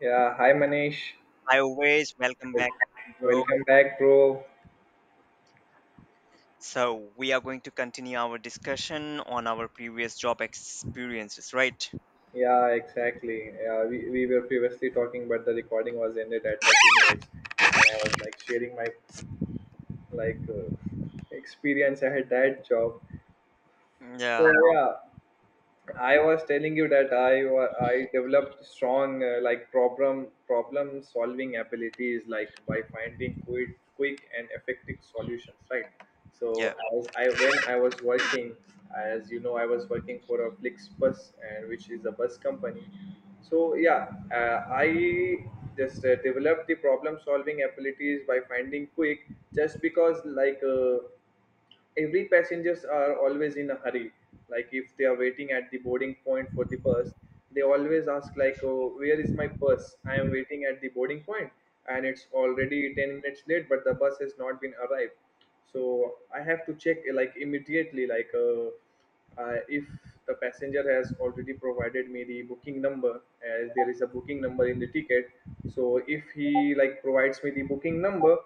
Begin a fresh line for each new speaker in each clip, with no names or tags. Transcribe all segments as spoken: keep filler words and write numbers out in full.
Yeah, hi Manish.
Hi, always welcome
Wel-
back, bro.
Welcome back, bro.
So we are going to continue our discussion on our previous job experiences, right?
Yeah, exactly. Yeah, we, we were previously talking, but the recording was ended at thirty minutes. And I was like sharing my like uh, experience I had that job. So
Yeah,
yeah, I was telling you that I wa- I developed strong uh, like problem problem solving abilities like by finding quick quick and effective solutions, right? So
yeah,
as I when I was working, as you know, I was working for a Flixbus, and which is a bus company. So yeah, uh, I just uh, developed the problem solving abilities by finding quick, just because like uh, every passengers are always in a hurry. Like if they are waiting at the boarding point for the bus, they always ask like, oh, where is my bus? I am waiting at the boarding point, and it's already ten minutes late, but the bus has not been arrived. So I have to check like immediately, like uh, uh, if the passenger has already provided me the booking number, as there is a booking number in the ticket. So if he like provides me the booking number,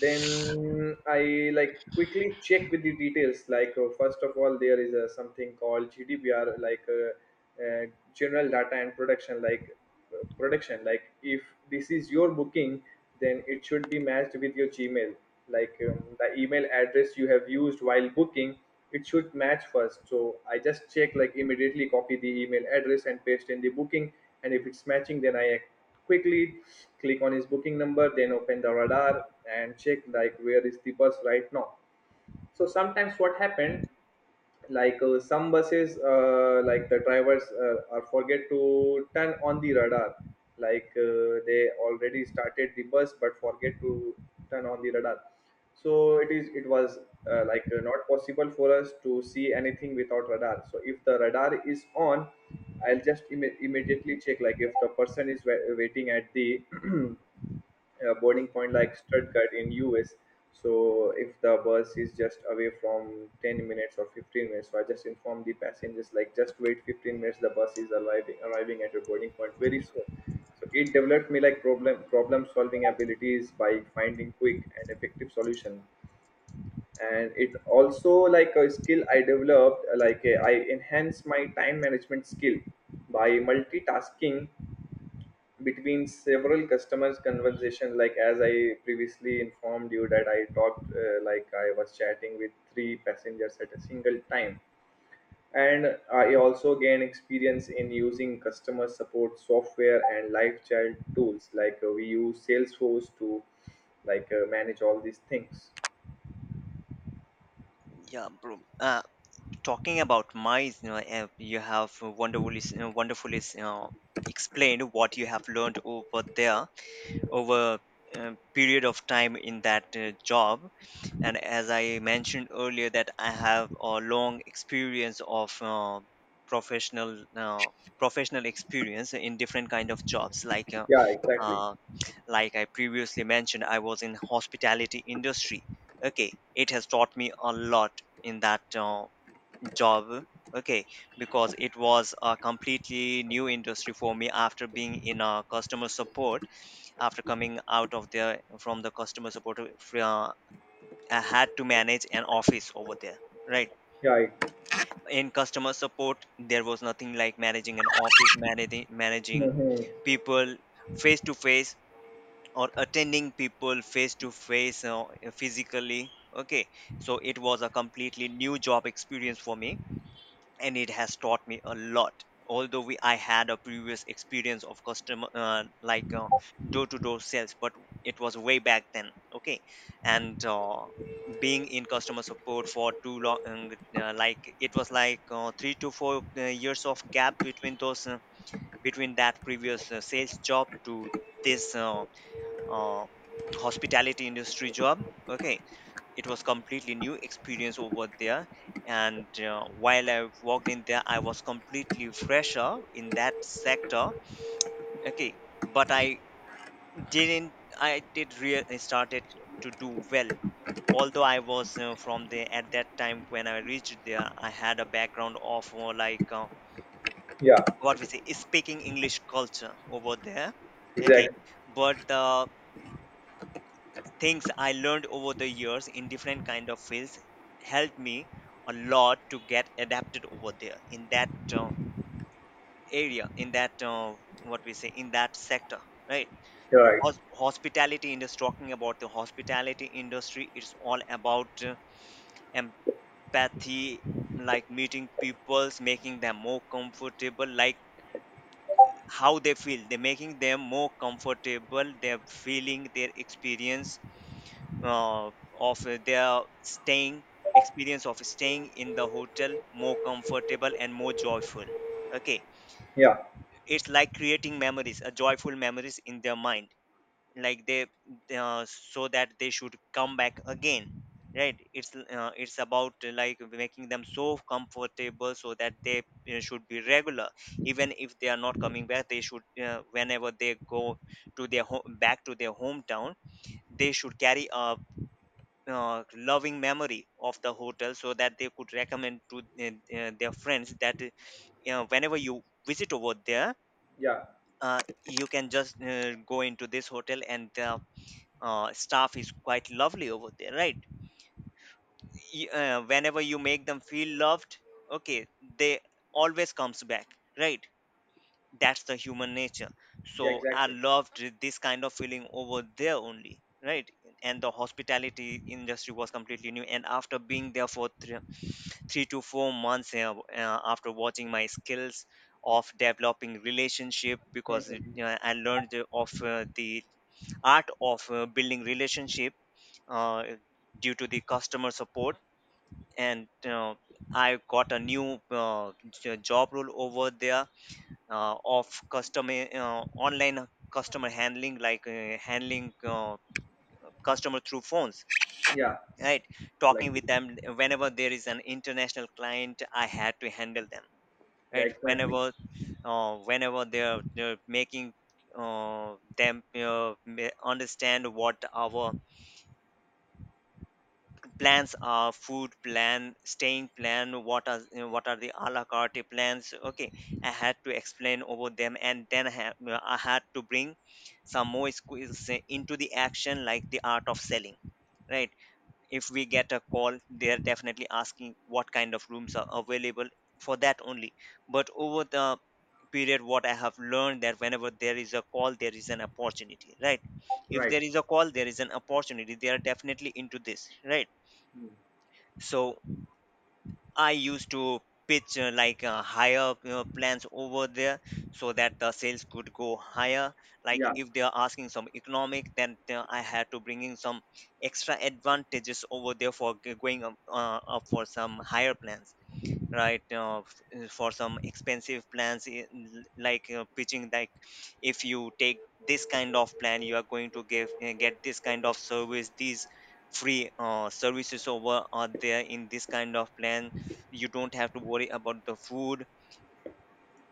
then I like quickly check with the details, like uh, first of all, there is uh, something called GDPR, like uh, uh, general data and production, like uh, production, like if this is your booking, then it should be matched with your Gmail, like um, the email address you have used while booking. It should match first, so I just check like immediately copy the email address and paste in the booking. And if it's matching, then I quickly click on his booking number, then open the radar and check like where is the bus right now. So sometimes what happened, like uh, some buses, uh, like the drivers, uh, are forget to turn on the radar. like uh, they already started the bus, but forget to turn on the radar. So it is it was, uh, like uh, not possible for us to see anything without radar. So if the radar is on, I'll just imme- immediately check like if the person is wa- waiting at the uh, boarding point, like Stuttgart in U S. So if the bus is just away from ten minutes or fifteen minutes, so I just inform the passengers like just wait fifteen minutes. The bus is arriving arriving at your boarding point very soon. So it developed me like problem problem solving abilities by finding quick and effective solution. And it also like a skill I developed, uh, like uh, I enhance my time management skill by multitasking between several customers conversation, like as I previously informed you that I talked, uh, like I was chatting with three passengers at a single time. And I also gained experience in using customer support software and live chat tools, like uh, we use Salesforce to like uh, manage all these things.
yeah, bro. Uh, talking about my, you know, uh, you have wonderfully, you know, wonderfully, you know, explained what you have learned over there over a period of time in that uh, job. And as I mentioned earlier, that I have a long experience of uh, professional uh, professional experience in different kind of jobs, like uh,
Yeah, exactly.
uh, like I previously mentioned, I was in hospitality industry. Okay, it has taught me a lot in that uh, job. Okay, because it was a completely new industry for me after being in a customer support, after coming out of the from the customer support. uh, fr- uh, I had to manage an office over there, right?
Yeah, I-
In customer support, there was nothing like managing an office, managing managing
mhm.
people face to face, or attending people face to face uh, physically. Okay, so it was a completely new job experience for me, and it has taught me a lot. Although we I had a previous experience of customer, uh, like uh, door-to-door sales, but it was way back then. Okay. And uh, being in customer support for too long, um, uh, like it was like uh, three to four uh, years of gap between those uh, between that previous uh, sales job to this uh, uh, hospitality industry job. Okay, it was completely new experience over there. And uh, while I walked in there, I was completely fresher in that sector. Okay, but I didn't, I did really started to do well. Although I was uh, from there, at that time when I reached there, I had a background of uh, like uh,
Yeah,
what we say, speaking English culture over there. Okay,
exactly.
but the things I learned over the years in different kind of fields helped me a lot to get adapted over there in that uh, area, in that uh, what we say, in that sector, right?
You're right.
Hos- hospitality industry, talking about the hospitality industry, it's all about uh, empathy, like meeting peoples, making them more comfortable, like how they feel, they're making them more comfortable, they're feeling their experience uh, of uh, their staying, experience of staying in the hotel more comfortable and more joyful. Okay,
Yeah,
it's like creating memories, a joyful memories in their mind, like they uh, so that they should come back again, right? It's uh, it's about uh, like making them so comfortable so that they uh, should be regular. Even if they are not coming back, they should uh, whenever they go to their home, back to their hometown, they should carry a uh, loving memory of the hotel, so that they could recommend to uh, uh, their friends that uh, you know, whenever you visit over there,
yeah,
uh, you can just uh, go into this hotel, and uh, uh, staff is quite lovely over there, right? Y- uh, whenever you make them feel loved, okay, they always comes back, right? That's the human nature.
yeah,
So I
exactly.
loved this kind of feeling over there only, right? And the hospitality industry was completely new, and after being there for three, three to four months, uh, uh, after watching my skills of developing relationship, because it,
Mhm.
you know, I learned of uh, the art of uh, building relationship uh, due to the customer support. And uh, I got a new uh, j- job role over there, uh, of customer, uh, online customer handling, like uh, handling uh, customer through phones,
Yeah,
right?
like
Talking with them, whenever there is an international client, I had to handle them,
yeah,
right?
exactly,
Whenever uh, whenever they're, they're making uh, them uh, ma- understand what our plans are, food plan, staying plan, what are, you know, what are the a la carte plans. Okay, I had to explain over them, and then i, have, I had to bring some more skills into the action, like the art of selling, right? If we get a call, they're definitely asking what kind of rooms are available, for that only. But over the period, what I have learned, that whenever there is a call, there is an opportunity, right? If
right.
there is a call, there is an opportunity, they are definitely into this, right?
Mm.
So I used to pitch uh, like uh, higher uh, plans over there, so that the sales could go higher. Like
Yeah,
if they are asking some economic, then uh, I had to bring in some extra advantages over there for g- going up, uh, up for some higher plans, right? Uh, f- uh, for some expensive plans, i- l- like uh, pitching, like if you take this kind of plan, you are going to give uh, get this kind of service, these free uh, services over are there in this kind of plan. You don't have to worry about the food,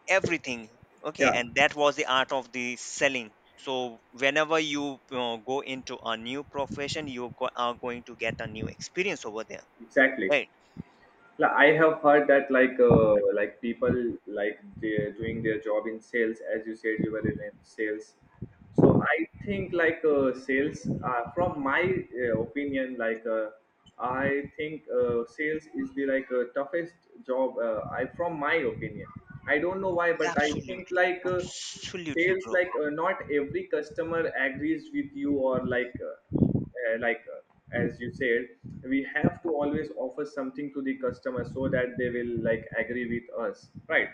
everything. Okay,
yeah,
and that was the art of the selling. So whenever you uh, go into a new profession, you go- are going to get a new experience over there,
exactly.
right?
Like I have heard that like uh, like people, like they're doing their job in sales, as you said, you were in sales. So I think like uh, sales, uh, from my uh, opinion, like uh, I think uh, sales is the like uh, toughest job. Uh, I, from my opinion, I don't know why, but I think
Absolutely,
like uh,
absolutely,
sales,
bro.
like uh, not every customer agrees with you, or like. Uh, uh, like uh, as you said, we have to always offer something to the customer so that they will like agree with us, right?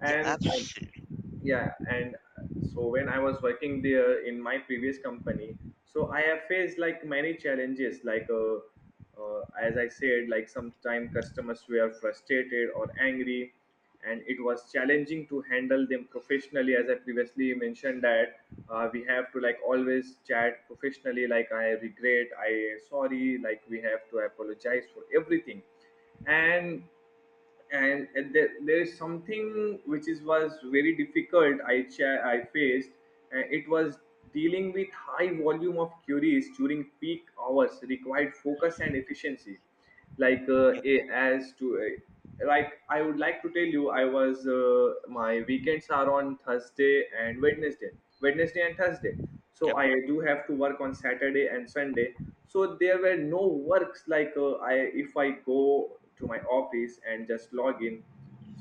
Yeah,
and I,
absolutely.
yeah, and uh, so when I was working there in my previous company, so I have faced like many challenges, like uh, uh, as I said, like sometimes customers were frustrated or angry, and it was challenging to handle them professionally, as I previously mentioned that uh, we have to like always chat professionally, like I regret, I sorry, like we have to apologize for everything. And and and there, there is something which is was very difficult i cha- I faced. uh, it was dealing with high volume of queries during peak hours, required focus and efficiency. like uh,
Yep,
a- as to uh, like I would like to tell you, I was, uh, my weekends are on Thursday and Wednesday, Wednesday and Thursday. So
yep,
I do have to work on Saturday and Sunday. So there were no works, like uh, I, if I go to my office and just log in,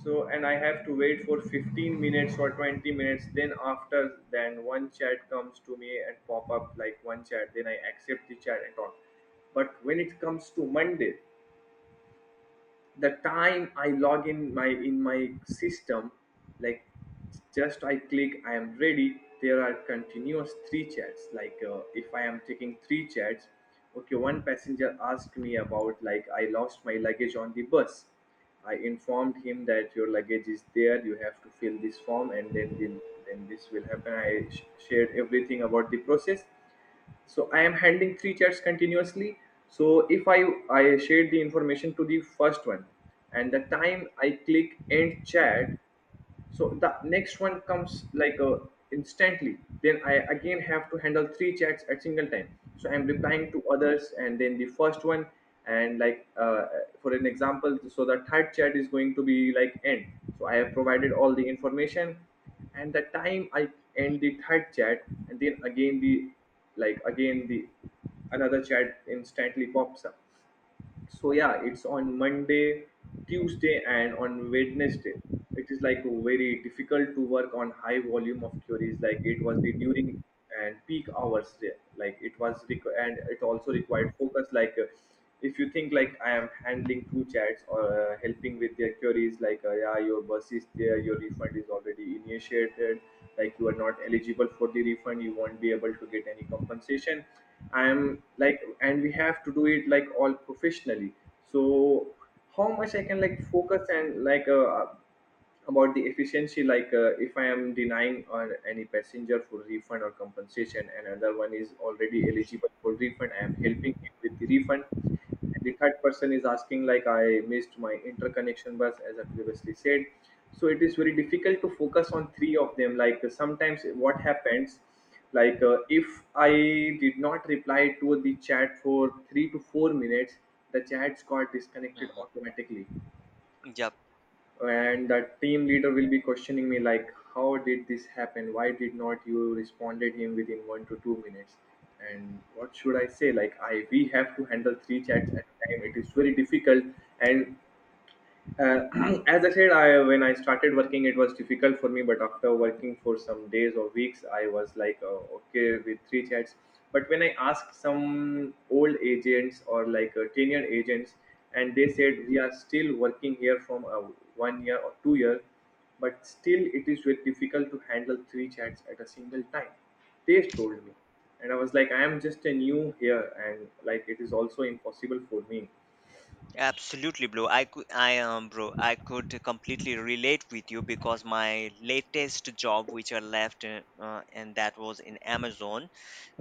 so and I have to wait for fifteen minutes or twenty minutes, then after then one chat comes to me and pop up like one chat, then I accept the chat and all. But when it comes to Monday, the time I log in my in my system, like just I click I am ready, there are continuous three chats. like uh, if I am taking three chats, okay, one passenger asked me about like I lost my luggage on the bus. I informed him that your luggage is there, you have to fill this form, and then the, then this will happen. i sh- shared everything about the process. So I am handling three chats continuously. So if i i share the information to the first one, and the time I click end chat, so the next one comes like uh, instantly. Then I again have to handle three chats at single time. So I'm replying to others and then the first one. And like uh, for an example, so the third chat is going to be like end, so I have provided all the information. And the time I end the third chat, and then again the like again the another chat instantly pops up. So yeah, it's on Monday, Tuesday, and on Wednesday, it is like very difficult to work on high volume of queries. Like it was the during and peak hours there, like it was requ- and it also required focus. like uh, if you think like I am handling two chats, or uh, helping with their queries, like uh, yeah, your bus is there, your refund is already initiated, like you are not eligible for the refund, you won't be able to get any compensation, I am like, and we have to do it like all professionally. So how much I can like focus and like uh, about the efficiency, like uh, if I am denying on any passenger for refund or compensation, another one is already eligible for refund, I am helping him with the refund, and the third person is asking like I missed my interconnection bus, as I previously said. So it is very difficult to focus on three of them. Like uh, sometimes what happens, like uh, if I did not reply to the chat for three to four minutes, the chats got disconnected
mhm,
automatically.
yep.
And the team leader will be questioning me like how did this happen, why did not you responded him within one to two minutes? And what should I say, like I we have to handle three chats at a time, it is very difficult. And uh, as I said, I when I started working, it was difficult for me. But after working for some days or weeks, I was like uh, okay with three chats. But when I asked some old agents or like uh, tenured agents, and they said we are still working here from uh, one year or two year, but still it is very difficult to handle three chats at a single time. They told me, and I was like, I am just a new here, and like it is also impossible for me.
Absolutely, bro. I could, I um, bro, I could completely relate with you, because my latest job, which I left, uh, uh, and that was in Amazon.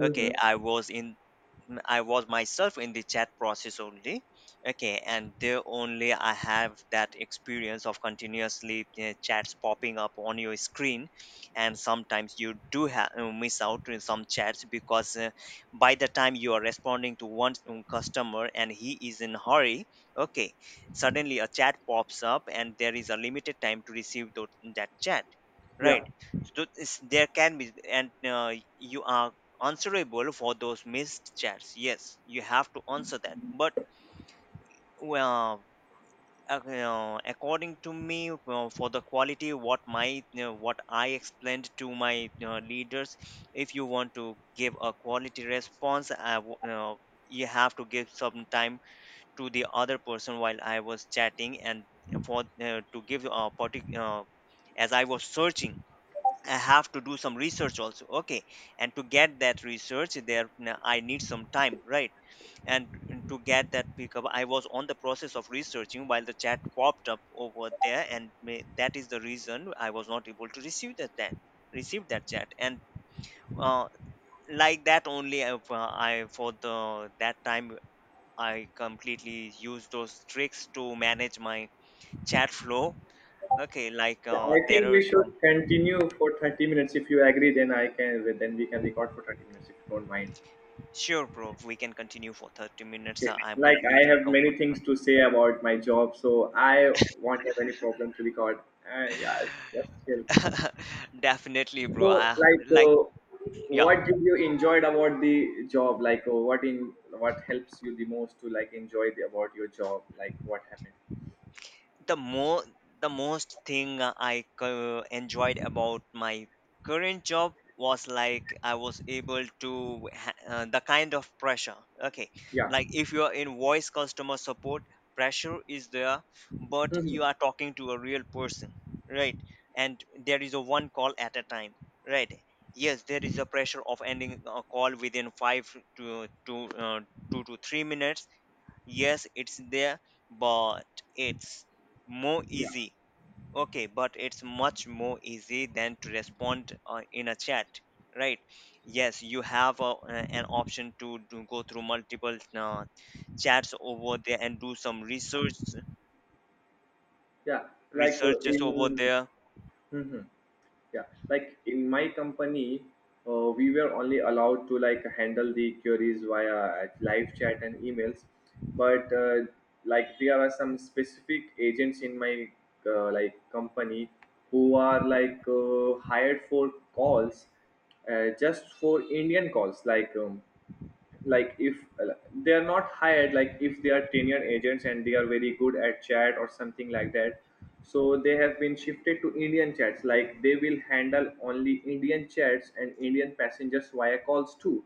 Okay, I was in, mm, I was myself in the chat process only. Okay, and there only I have that experience of continuously uh, chats popping up on your screen, and sometimes you do have miss out on some chats, because uh, by the time you are responding to one um, customer and he is in hurry. Okay, suddenly a chat pops up, and there is a limited time to receive tho- that chat,
Yeah,
right? So it's, there can be, and uh, you are answerable for those missed chats. Yes, you have to answer that. But well, ac- uh, according to me, well, for the quality, what my you know, what I explained to my you know, leaders, if you want to give a quality response, I w- you know, you have to give some time to the other person while I was chatting, and for uh, to give a particular. Uh, as I was searching, I have to do some research also. Okay, and to get that research there, n- I need some time, right? And to get that pickup, I was on the process of researching while the chat popped up over there. And may, that is the reason I was not able to receive that, that receive that chat. And uh, like that only, I, I for the that time, I completely used those tricks to manage my chat flow. Okay, Like
yeah,
uh,
I think
there
we
are some,
should continue for thirty minutes. If you agree, then I can then we can record for thirty minutes if you don't mind.
sure, bro. We can continue for thirty minutes.
Okay.
Uh, I'm
Like I
completely
have many things
comfortable.
to say about my job, so I won't have any problem to record. Uh, yeah, that's chill.
Definitely, bro.
So,
I,
like,
like,
uh,
yeah.
what did you enjoyed about the job? Like, uh, what in what helps you the most to like enjoy the, about your job? Like, what happened?
The more, the most thing I co- enjoyed about my current job was, like I was able to ha- uh, the kind of pressure. Okay,
Yeah.
like if you are in voice customer support, pressure is there, but
Hmm.
you are talking to a real person, right? And there is a one call at a time, right? Yes, there is a pressure of ending a call within five to to uh, two to three minutes. Yes, it's there, but it's more
Yeah.
easy. Okay, but it's much more easy than to respond uh, in a chat, right? Yes, you have a, uh, an option to, to go through multiple uh, chats over there and do some research
Yeah. Like uh,
researches over
in.
there.
Hmm. Yeah, like in my company, uh, we were only allowed to like handle the queries via uh, live chat and emails, but uh, like there are some specific agents in my uh, like company who are like uh, hired for calls, uh, just for Indian calls, like um, like if they are not hired, like if they are tenured agents and they are very good at chat or something like that, so they have been shifted to Indian chats, like they will handle only Indian chats and Indian passengers via calls too.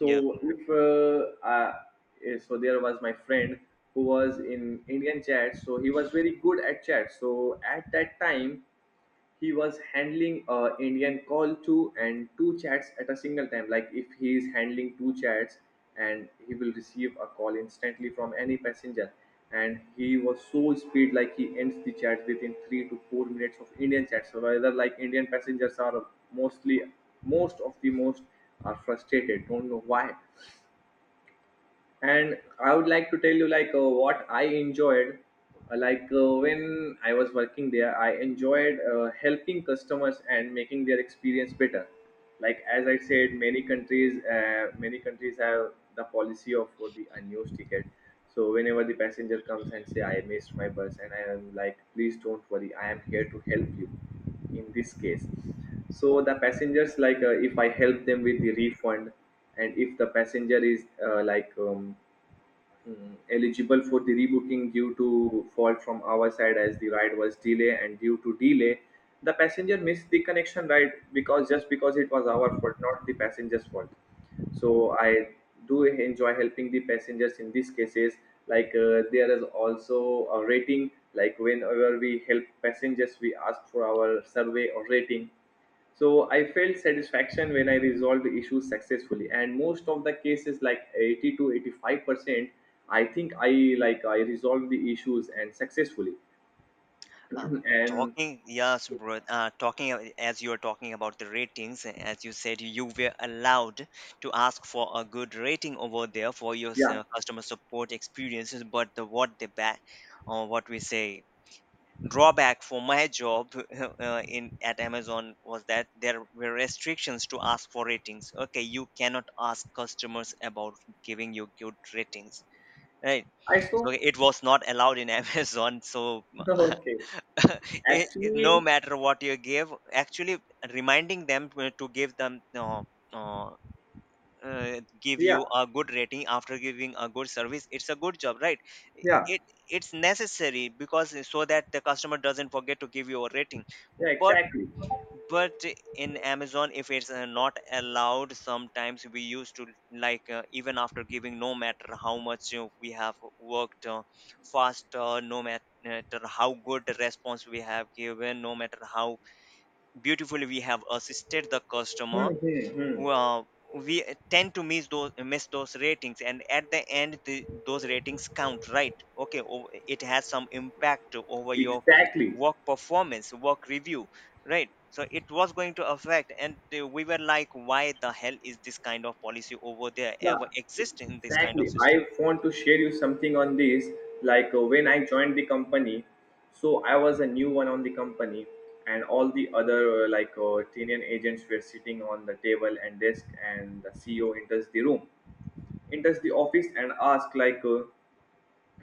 Yeah.
if uh, uh, eh, so there was my friend who was in Indian chat, so he was very good at chat, so at that time he was handling uh, Indian call to and two chats at a single time. Like if he is handling two chats and he will receive a call instantly from any passenger. And he was so speed, like he ends the chat within three to four minutes of Indian chats. So whether like Indian passengers are mostly, most of the most are frustrated, don't know why. And I would like to tell you like uh, what I enjoyed. Uh, like uh, when I was working there, I enjoyed uh, helping customers and making their experience better. Like as I said, many countries uh, many countries have the policy of for the unused ticket. So whenever the passenger comes and say I missed my bus, and I am like please don't worry, I am here to help you in this case. So the passengers like, uh, if I help them with the refund, and if the passenger is uh, like um, mm, eligible for the rebooking due to fault from our side, as the ride was delay and due to delay the passenger missed the connection ride, because just because it was our fault, not the passenger's fault. So I do enjoy helping the passengers in these cases. Like uh, there is also a rating, like whenever we help passengers we ask for our survey or rating. So I felt satisfaction when I resolved the issues successfully, and most of the cases, like eighty to eighty-five percent, I think I like I resolved the issues and successfully.
Uh,
And
Talking, yes, bro. Uh, talking, a- as you are talking about the ratings, as you said, you were allowed to ask for a good rating over there for your s-
yeah,
uh, customer support experiences. But the what the back, or what we say, drawback for my job uh, in at Amazon, was that there were restrictions to ask for ratings. Okay, you cannot ask customers about giving you good ratings, right?
I
So
so
it was not allowed in amazon so
okay.
it, it- no
Actually,
matter what you give actually, reminding them to to give them uh, uh, uh, give
yeah,
you a good rating after giving a good service. It's a good job, right?
yeah,
It it's necessary, because so that the customer doesn't forget to give you a rating.
yeah,
but
exactly.
but in Amazon, if it's uh, not allowed. Sometimes we used to, like uh, even after giving, no matter how much uh, we have worked uh, faster, no matter how good the response we have given, no matter how beautifully we have assisted the
Hmm,
customer,
hmm, hmm.
well, we tend to miss those, miss those ratings, and at the end, the, those ratings count, right? Okay, o- it has some impact over your
Exactly.
work performance, work review, right? So it was going to affect, and the- we were like, why the hell is this kind of policy over there ever
Yeah,
exist in this kind of
exactly.
system?
I want to share you something on this. Like uh, when I joined the company, so I was a new one on the company, and all the other uh, like uh, Tinian agents were sitting on the table and desk, and the C E O enters the room, enters the office, and asks like. Uh,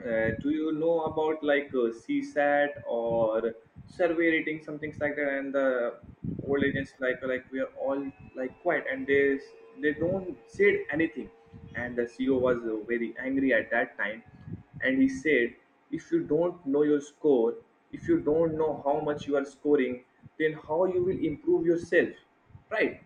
uh, Do you know about like uh, CSAT or survey ratings, something like that? And the old agents like like we are all like quiet, and they they don't said anything. And the C E O was uh, very angry at that time, and he said, if you don't know your score, if you don't know how much you are scoring, then how you will improve yourself, right?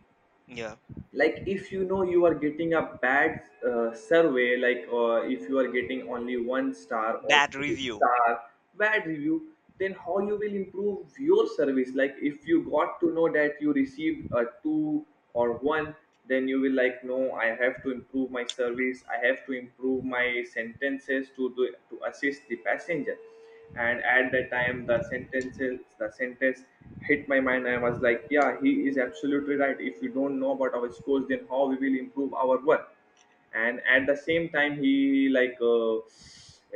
Yeah.
Like if you know you are getting a bad uh, survey, like uh, if you are getting only one star or
That
two
review.
star, bad review, then how you will improve your service? Like if you got to know that you received a two or one, then you will like no, I have to improve my service, I have to improve my sentences to do, to assist the passenger. And at that time the sentences the sentence hit my mind. I was like, yeah, he is absolutely right. If we don't know about our scores, then how we will improve our work? And at the same time, he like uh,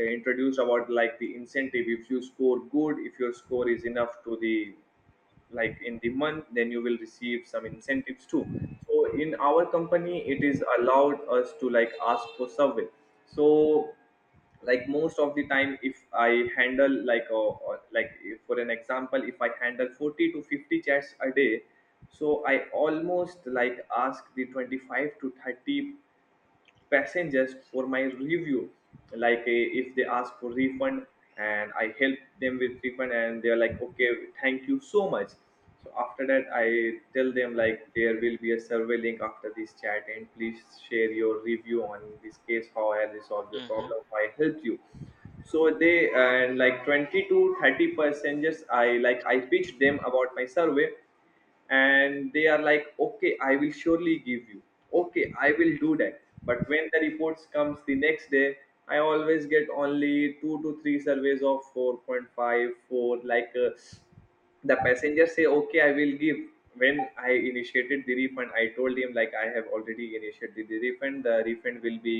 introduced about like the incentive. If you score good, if your score is enough to the like in the month, then you will receive some incentives too. So in our company it is allowed us to like ask for survey. So like most of the time if I handle like a, a- like if- for an example, if I handle forty to fifty chats a day, so I almost like ask the twenty-five to thirty passengers for my review. Like uh, if they ask for refund, and I help them with refund, and they're like okay, thank you so much. So after that I tell them like there will be a survey link after this chat, and please share your review on this case, how I resolved your
Hmm.
problem, how I helped you. So they, and like twenty to thirty passengers i like i pitched them about my survey, and they are like okay I will surely give you, okay I will do that. But when the reports comes the next day, I always get only two to three surveys of four point five, four. Like uh, the passenger say okay I will give. When I initiated the refund, I told him like I have already initiated the refund, the refund will be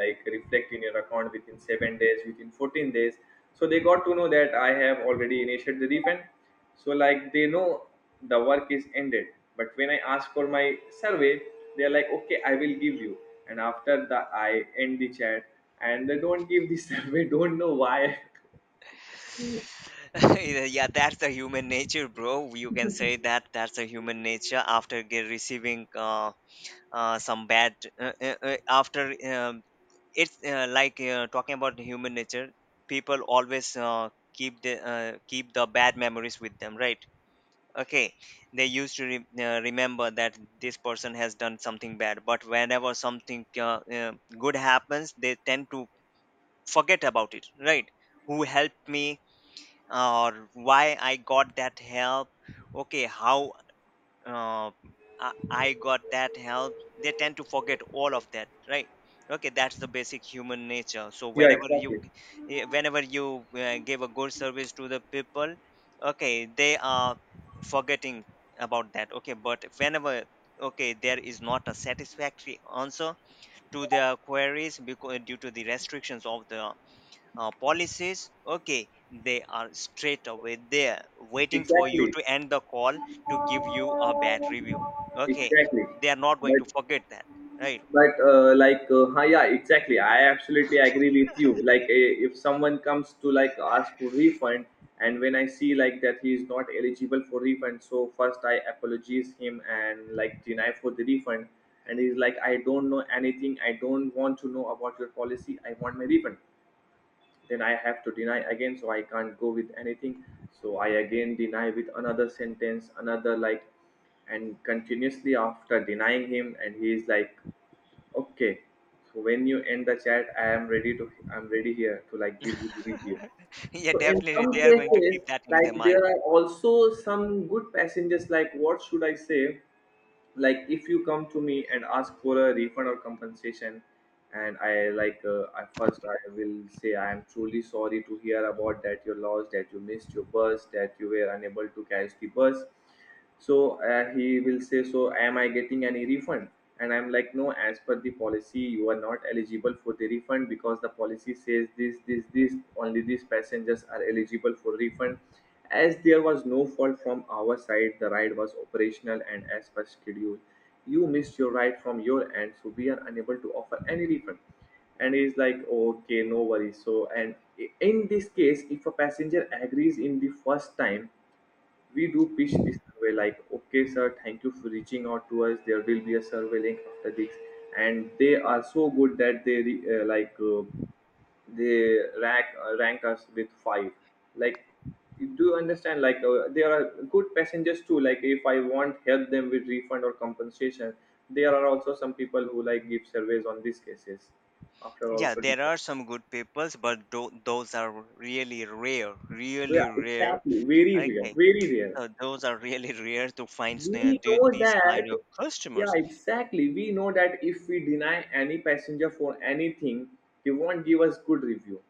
like reflect in your account within seven days, within fourteen days. So they got to know that I have already initiated the refund, so like they know the work is ended. But when I ask for my survey, they are like okay I will give you, and after that I end the chat, and they don't give the survey, don't know why.
Yeah, yeah, that's the human nature, bro. You can say that that's the human nature after get receiving uh, uh, some bad uh, uh, uh, after um, it's uh, like uh, talking about human nature, people always uh, keep the uh, keep the bad memories with them, right? Okay, they used to re- uh, remember that this person has done something bad, but whenever something uh, uh, good happens, they tend to forget about it, right? Who helped me, or why I got that help, okay, how uh, I, I got that help, they tend to forget all of that, right? Okay, that's the basic human nature. So
Yeah,
whenever you,
exactly,
g- eh, whenever you uh, give a good service to the people, okay, they are forgetting about that. Okay, but whenever, okay, there is not a satisfactory answer to their queries because due to the restrictions of the uh, policies, okay, they are straight away there, waiting for you
exactly.
to end the call, to give you a bad review, okay,
Exactly.
they are not going
But
to forget that, right?
but uh, like uh, huh, yeah, exactly. I absolutely agree with you. Like eh, if someone comes to like ask for refund, and when I see like that he is not eligible for refund, so first I apologize him and like deny for the refund. And he's like, I don't know anything, I don't want to know about your policy, I want my refund. Then I have to deny again, so I can't go with anything, so I again deny with another sentence, another like, and continuously after denying him, and he is like okay, so when you end the chat, i am ready to i'm ready here to like give you the review.
Yeah,
So in
definitely,
some
they are going to
cases,
keep that in their
like
mind.
there are also some good passengers, like what should I say, like if you come to me and ask for a refund or compensation, and I like uh, I first I will say I am truly sorry to hear about that you lost, that you missed your bus, that you were unable to catch the bus. So uh, he will say, so am I getting any refund? And I'm like no, as per the policy you are not eligible for the refund, because the policy says this this this, only these passengers are eligible for refund, as there was no fault from our side, the ride was operational and as per schedule, you missed your ride from your end, so we are unable to offer any refund. And he's like okay, no worries. So and in this case, if a passenger agrees in the first time, we do pitch the survey, like okay sir, thank you for reaching out to us, there will be a survey link after this, and they are so good that they re- uh, like uh, they rank uh, rank us with five. Like, do you understand? Like, uh, there are good passengers too. Like, if I want help them with refund or compensation, there are also some people who like give surveys on these cases. After
Yeah,
also,
there are some good peoples, but tho- those are really rare,
yeah,
really rare.
exactly. Very real,
Okay,
very real.
so those are really rare to find, s- uh,
We
the-
know
these kind
that,
of
yeah,
customers.
exactly. We know that if we deny any passenger for anything, they won't give us good review.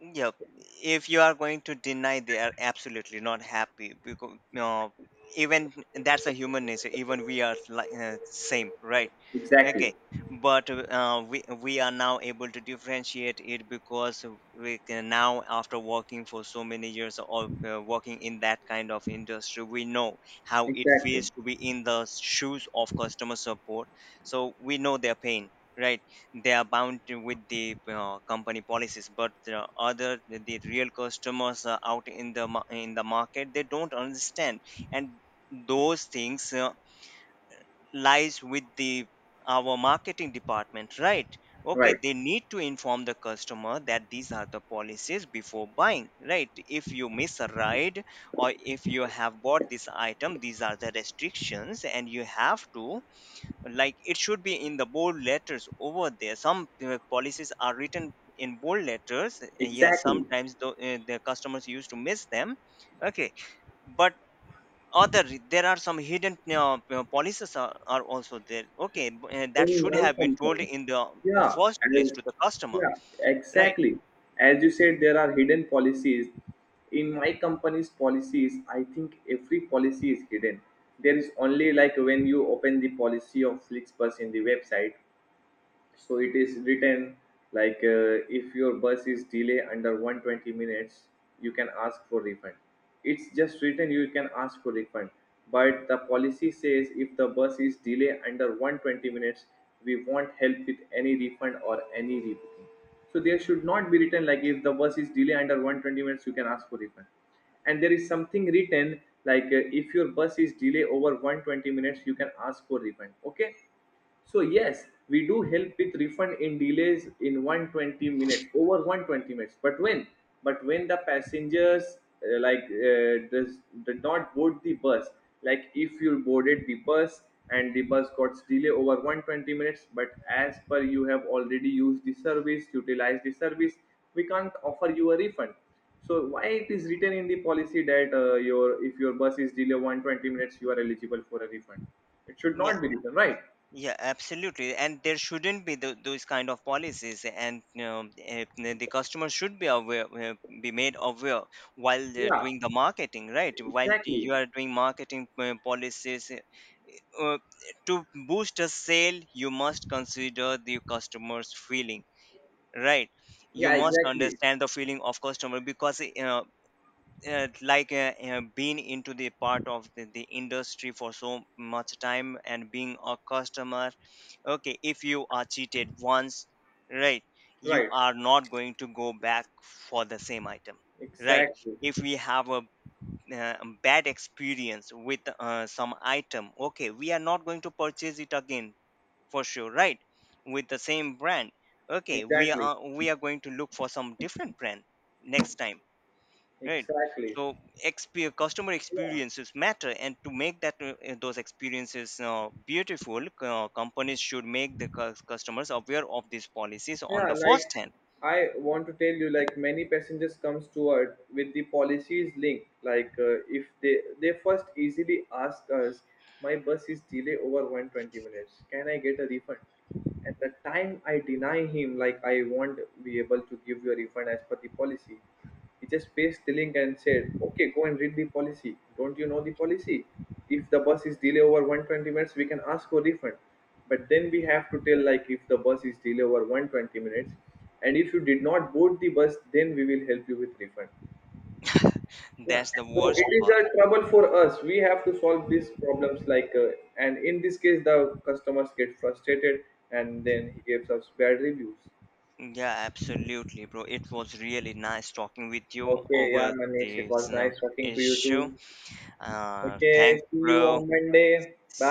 Yep. If you are going to deny, they are absolutely not happy, because you know, even that's a human nature. Even we are like uh, same, right?
Exactly,
Okay, but uh, we we are now able to differentiate it, because we can now, after working for so many years, or uh, working in that kind of industry, we know how it
exactly,
feels to be in the shoes of customer support. So we know their pain, right? They are bound to with the uh, company policies, but the other, the real customers are out in the mar- in the market, they don't understand, and those things uh, lies with the our marketing department, right? Okay,
right,
they need to inform the customer that these are the policies before buying, right? If you miss a ride, or if you have bought this item, these are the restrictions, and you have to, like, it should be in the bold letters over there. Some uh, policies are written in bold letters, and yes,
exactly.
sometimes the, uh, the customers used to miss them. Okay, but other, there are some hidden uh, uh, policies are, are also there. Okay, b- uh, that
In
should
my
have been told
company,
in the uh,
yeah,
first
as,
place to the customer,
yeah,
right?
exactly. As you said, there are hidden policies. In my company's policies, I think every policy is hidden. There is only, like when you open the policy of Flixbus in the website, so it is written like uh, if your bus is delay under one twenty minutes, you can ask for refund. It's just written you can ask for refund. But the policy says if the bus is delay under one twenty minutes, we won't help with any refund or any rebooking. So there should not be written like if the bus is delay under one twenty minutes you can ask for refund, and there is something written like uh, if your bus is delay over one twenty minutes you can ask for refund. Okay, so yes, we do help with refund in delays in one twenty minutes, over one twenty minutes. But when, but when the passengers uh, like uh, does did not board the bus, like if you boarded the bus and the bus got delay over one twenty minutes, but as per you have already used the service, utilized the service, we can't offer you a refund. So why it is written in the policy that uh, your if your bus is delayed one twenty minutes, you are eligible for a refund. It should
Yeah.
not be written, right?
Yeah, absolutely. And there shouldn't be tho- those kind of policies, and um, eh, the customer should be aware, eh, be made aware while they're
Yeah.
doing the marketing, right? While
Exactly.
you are doing marketing eh, policies, eh, uh, to boost a sale, you must consider the customer's feeling, right? You
Yeah,
must
exactly.
understand the feeling of customer, because uh, uh, like uh, uh, being into the part of the, the industry for so much time, and being a customer, okay, if you are cheated once, right, you
Right.
are not going to go back for the same item, right?
Exactly.
If we have a uh, bad experience with uh, some item, okay, we are not going to purchase it again for sure, right? With the same brand. Okay, we
Exactly.
are we are going to look for some different brand next time, right?
Exactly.
So, exp- customer
Yeah.
experiences matter, and to make that uh, uh, those experiences uh, beautiful, uh, companies should make the cus- customers aware of these policies on
Yeah,
the
like
first hand.
I want to tell you, like many passengers comes to us with the policies link. Like uh, if they they first easily ask us, my bus is delay over one twenty minutes, can I get a refund? At the time I deny him, like I won't be able to give you a refund as per the policy. He just pasted the link and said, okay, go and read the policy. Don't you know the policy? If the bus is delay over one twenty minutes, we can ask for refund. But then we have to tell like if the bus is delayed over one twenty minutes and if you did not board the bus, then we will help you with refund. Yeah.
That's the
So
worst
it is
part.
a trouble for us, we have to solve these problems like uh, and in this case the customers get frustrated, and then he gives us bad reviews.
Yeah, absolutely, bro, it was really nice talking with you
Okay, yeah,
over
Manish, it
this
was
uh,
nice talking to you
issue.
too.
Uh,
Okay,
thanks,
see you
bro.
on Monday. Bye.